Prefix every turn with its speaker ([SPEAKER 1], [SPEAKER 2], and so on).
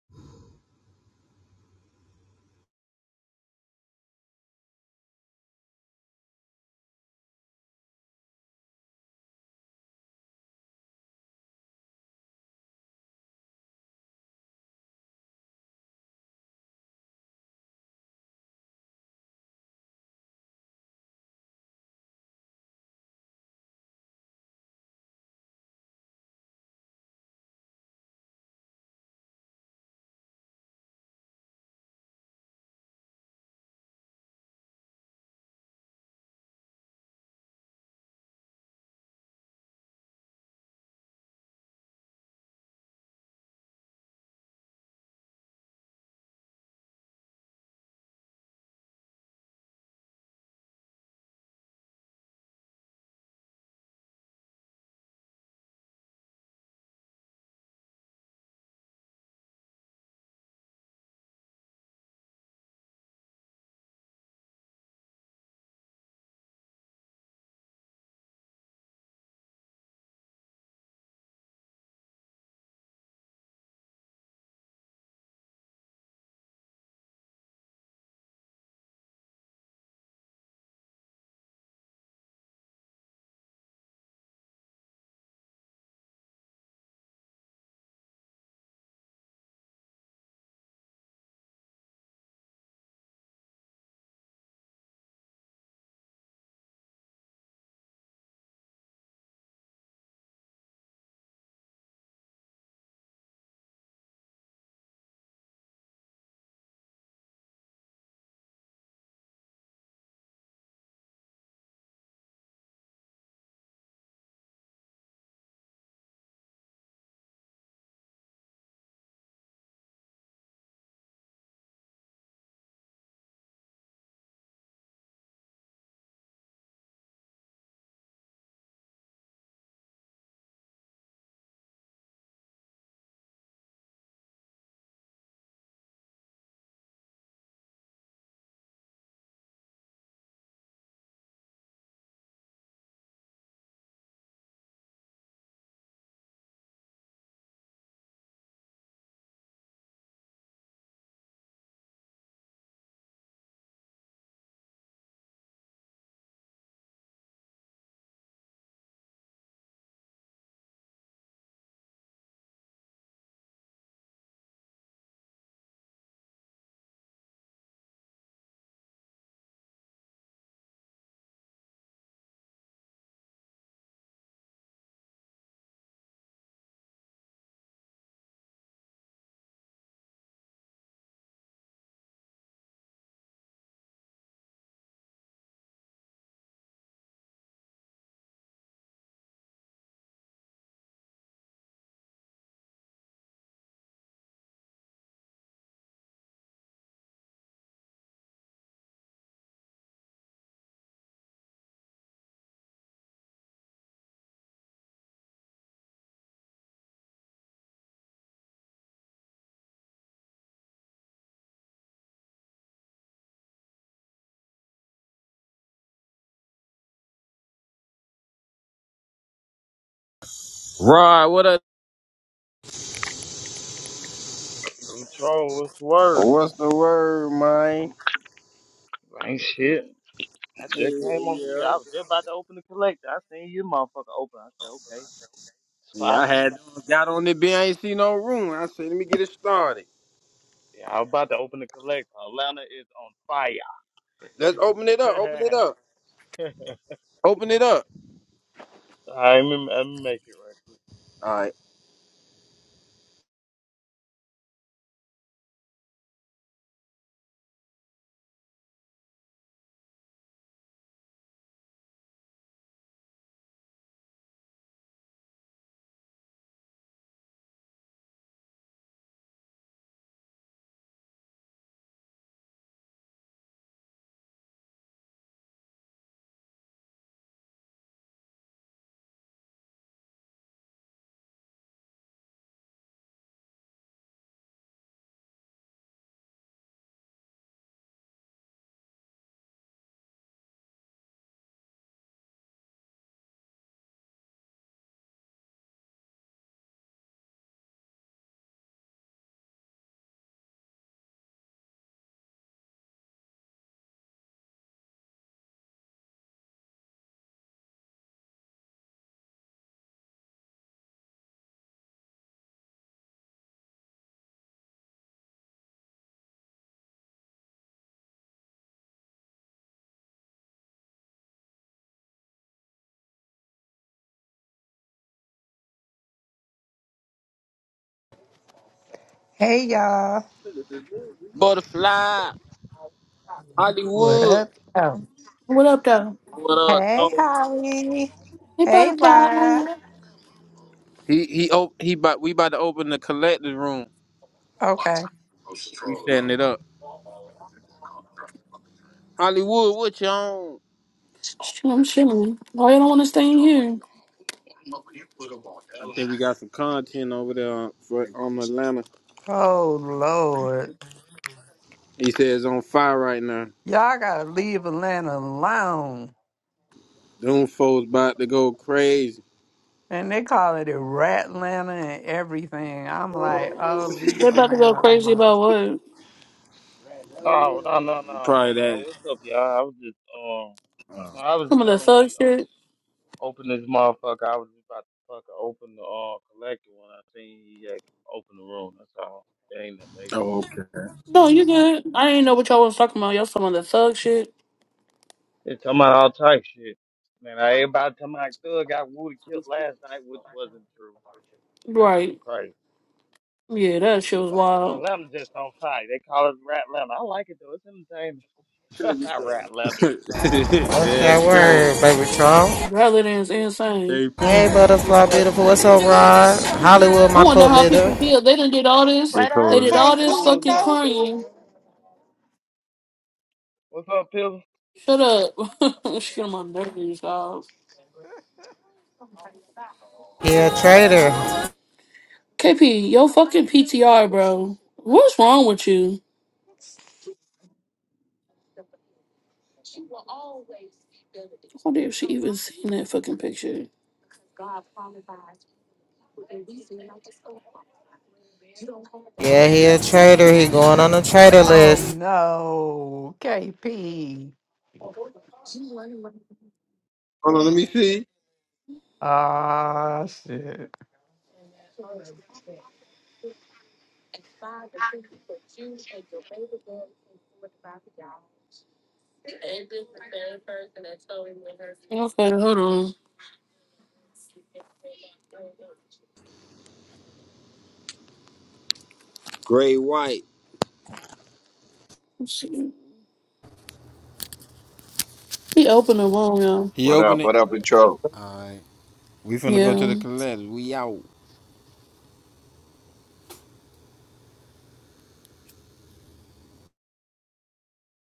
[SPEAKER 1] Rod, what up?
[SPEAKER 2] I'm trolling. What's the word?
[SPEAKER 1] What's the word, man?
[SPEAKER 2] Ain't shit. I
[SPEAKER 1] Hey,
[SPEAKER 2] just came on the day.
[SPEAKER 1] yeah.
[SPEAKER 2] I was just about to open the collector. I seen you motherfucker open. I said, okay,
[SPEAKER 1] Yeah,
[SPEAKER 2] spot
[SPEAKER 1] I had
[SPEAKER 2] in.
[SPEAKER 1] got on the bed. I ain't see no room. I said, let me get it started.
[SPEAKER 2] Yeah, I was about to open the collector. Atlanta is on fire.
[SPEAKER 1] Let's open it up. Open it up. Open it up.
[SPEAKER 2] I remember, let me make it right quick.
[SPEAKER 1] All right.
[SPEAKER 3] Hey y'all.
[SPEAKER 1] Butterfly,
[SPEAKER 3] What
[SPEAKER 1] Hollywood.
[SPEAKER 3] up? Oh,
[SPEAKER 4] What up, though?
[SPEAKER 1] What up,
[SPEAKER 3] Hey
[SPEAKER 1] though?
[SPEAKER 3] Holly.
[SPEAKER 4] Hey,
[SPEAKER 3] Hey
[SPEAKER 4] butterfly.
[SPEAKER 3] Rod.
[SPEAKER 1] He he op- he. About, we about to open the collective room.
[SPEAKER 3] Okay.
[SPEAKER 1] We setting it up. Hollywood, what you on?
[SPEAKER 4] Shh, I'm chilling. Why you don't want to stay in here?
[SPEAKER 1] I think we got some content over there on- for on Atlanta.
[SPEAKER 3] Oh Lord.
[SPEAKER 1] He says it's on fire right now.
[SPEAKER 3] Y'all gotta leave Atlanta alone.
[SPEAKER 1] Doom foes about to go crazy.
[SPEAKER 3] And they call it a Ratlanta and everything. I'm like, oh
[SPEAKER 4] They
[SPEAKER 3] leave
[SPEAKER 4] about to go
[SPEAKER 3] Atlanta
[SPEAKER 4] crazy
[SPEAKER 3] alone.
[SPEAKER 4] about what?
[SPEAKER 2] No, no, no, no, no,
[SPEAKER 1] Probably
[SPEAKER 2] no. What's up, y'all? I was just, um, no,
[SPEAKER 1] Oh,
[SPEAKER 2] I was
[SPEAKER 4] Some of the
[SPEAKER 2] telling when
[SPEAKER 4] thug
[SPEAKER 2] he op-
[SPEAKER 4] shit.
[SPEAKER 2] opened this motherfucker, I was just about to fucking open the uh, collector when I seen he had opened the room. That's all. It ain't that major.
[SPEAKER 1] oh, okay.
[SPEAKER 4] No, you good. I didn't know what y'all was talking about. Y'all some of the thug shit.
[SPEAKER 2] They're talking about all type shit. Man, I everybody talking about Thug got Woody killed last night, which wasn't true. That's just
[SPEAKER 4] Right.
[SPEAKER 2] crazy.
[SPEAKER 4] Yeah, that
[SPEAKER 2] Shit
[SPEAKER 4] shit
[SPEAKER 2] is
[SPEAKER 4] was
[SPEAKER 2] all-
[SPEAKER 4] wild.
[SPEAKER 2] Atlanta's just on fire. They call it Rat Atlanta. I like it though. It's entertaining.
[SPEAKER 1] Hold yeah,
[SPEAKER 2] Rat Atlanta is crazy.
[SPEAKER 5] What's that
[SPEAKER 1] it's
[SPEAKER 5] word,
[SPEAKER 1] crazy.
[SPEAKER 5] baby troll?
[SPEAKER 4] Rather than it's insane.
[SPEAKER 1] KP.
[SPEAKER 5] Hey,
[SPEAKER 2] That shit
[SPEAKER 5] butterfly
[SPEAKER 2] funny
[SPEAKER 5] beautiful.
[SPEAKER 2] as
[SPEAKER 5] What's up,
[SPEAKER 2] hell.
[SPEAKER 5] Rod? Hollywood,
[SPEAKER 4] I
[SPEAKER 5] my
[SPEAKER 4] wonder
[SPEAKER 5] cult
[SPEAKER 4] how
[SPEAKER 5] leader.
[SPEAKER 4] people feel. They done did all this.
[SPEAKER 1] Shit,
[SPEAKER 3] What
[SPEAKER 4] They
[SPEAKER 3] up,
[SPEAKER 4] did
[SPEAKER 1] Coley.
[SPEAKER 4] all this
[SPEAKER 2] That's what I'm
[SPEAKER 3] KP
[SPEAKER 4] fucking
[SPEAKER 2] saying.
[SPEAKER 3] baby?
[SPEAKER 4] crime.
[SPEAKER 2] What's up, Pills?
[SPEAKER 4] Shut up. shit on my nerves, dog.
[SPEAKER 5] He a traitor.
[SPEAKER 4] KP, yo fucking PTR, bro. What's wrong with you? What if she even seen that fucking picture?
[SPEAKER 5] Yeah, he a traitor. He going on the traitor
[SPEAKER 3] Oh
[SPEAKER 5] list.
[SPEAKER 3] no, KP.
[SPEAKER 1] Hold on, let me see.
[SPEAKER 3] Ah shit.
[SPEAKER 4] Okay, hold on.
[SPEAKER 1] Gray White.
[SPEAKER 4] Let's see. He opened the room, y'all.
[SPEAKER 1] He
[SPEAKER 6] What up?
[SPEAKER 1] opened it.
[SPEAKER 6] What up, Intro?
[SPEAKER 1] All right. We finna go to
[SPEAKER 4] Yeah.
[SPEAKER 1] the collect. We out.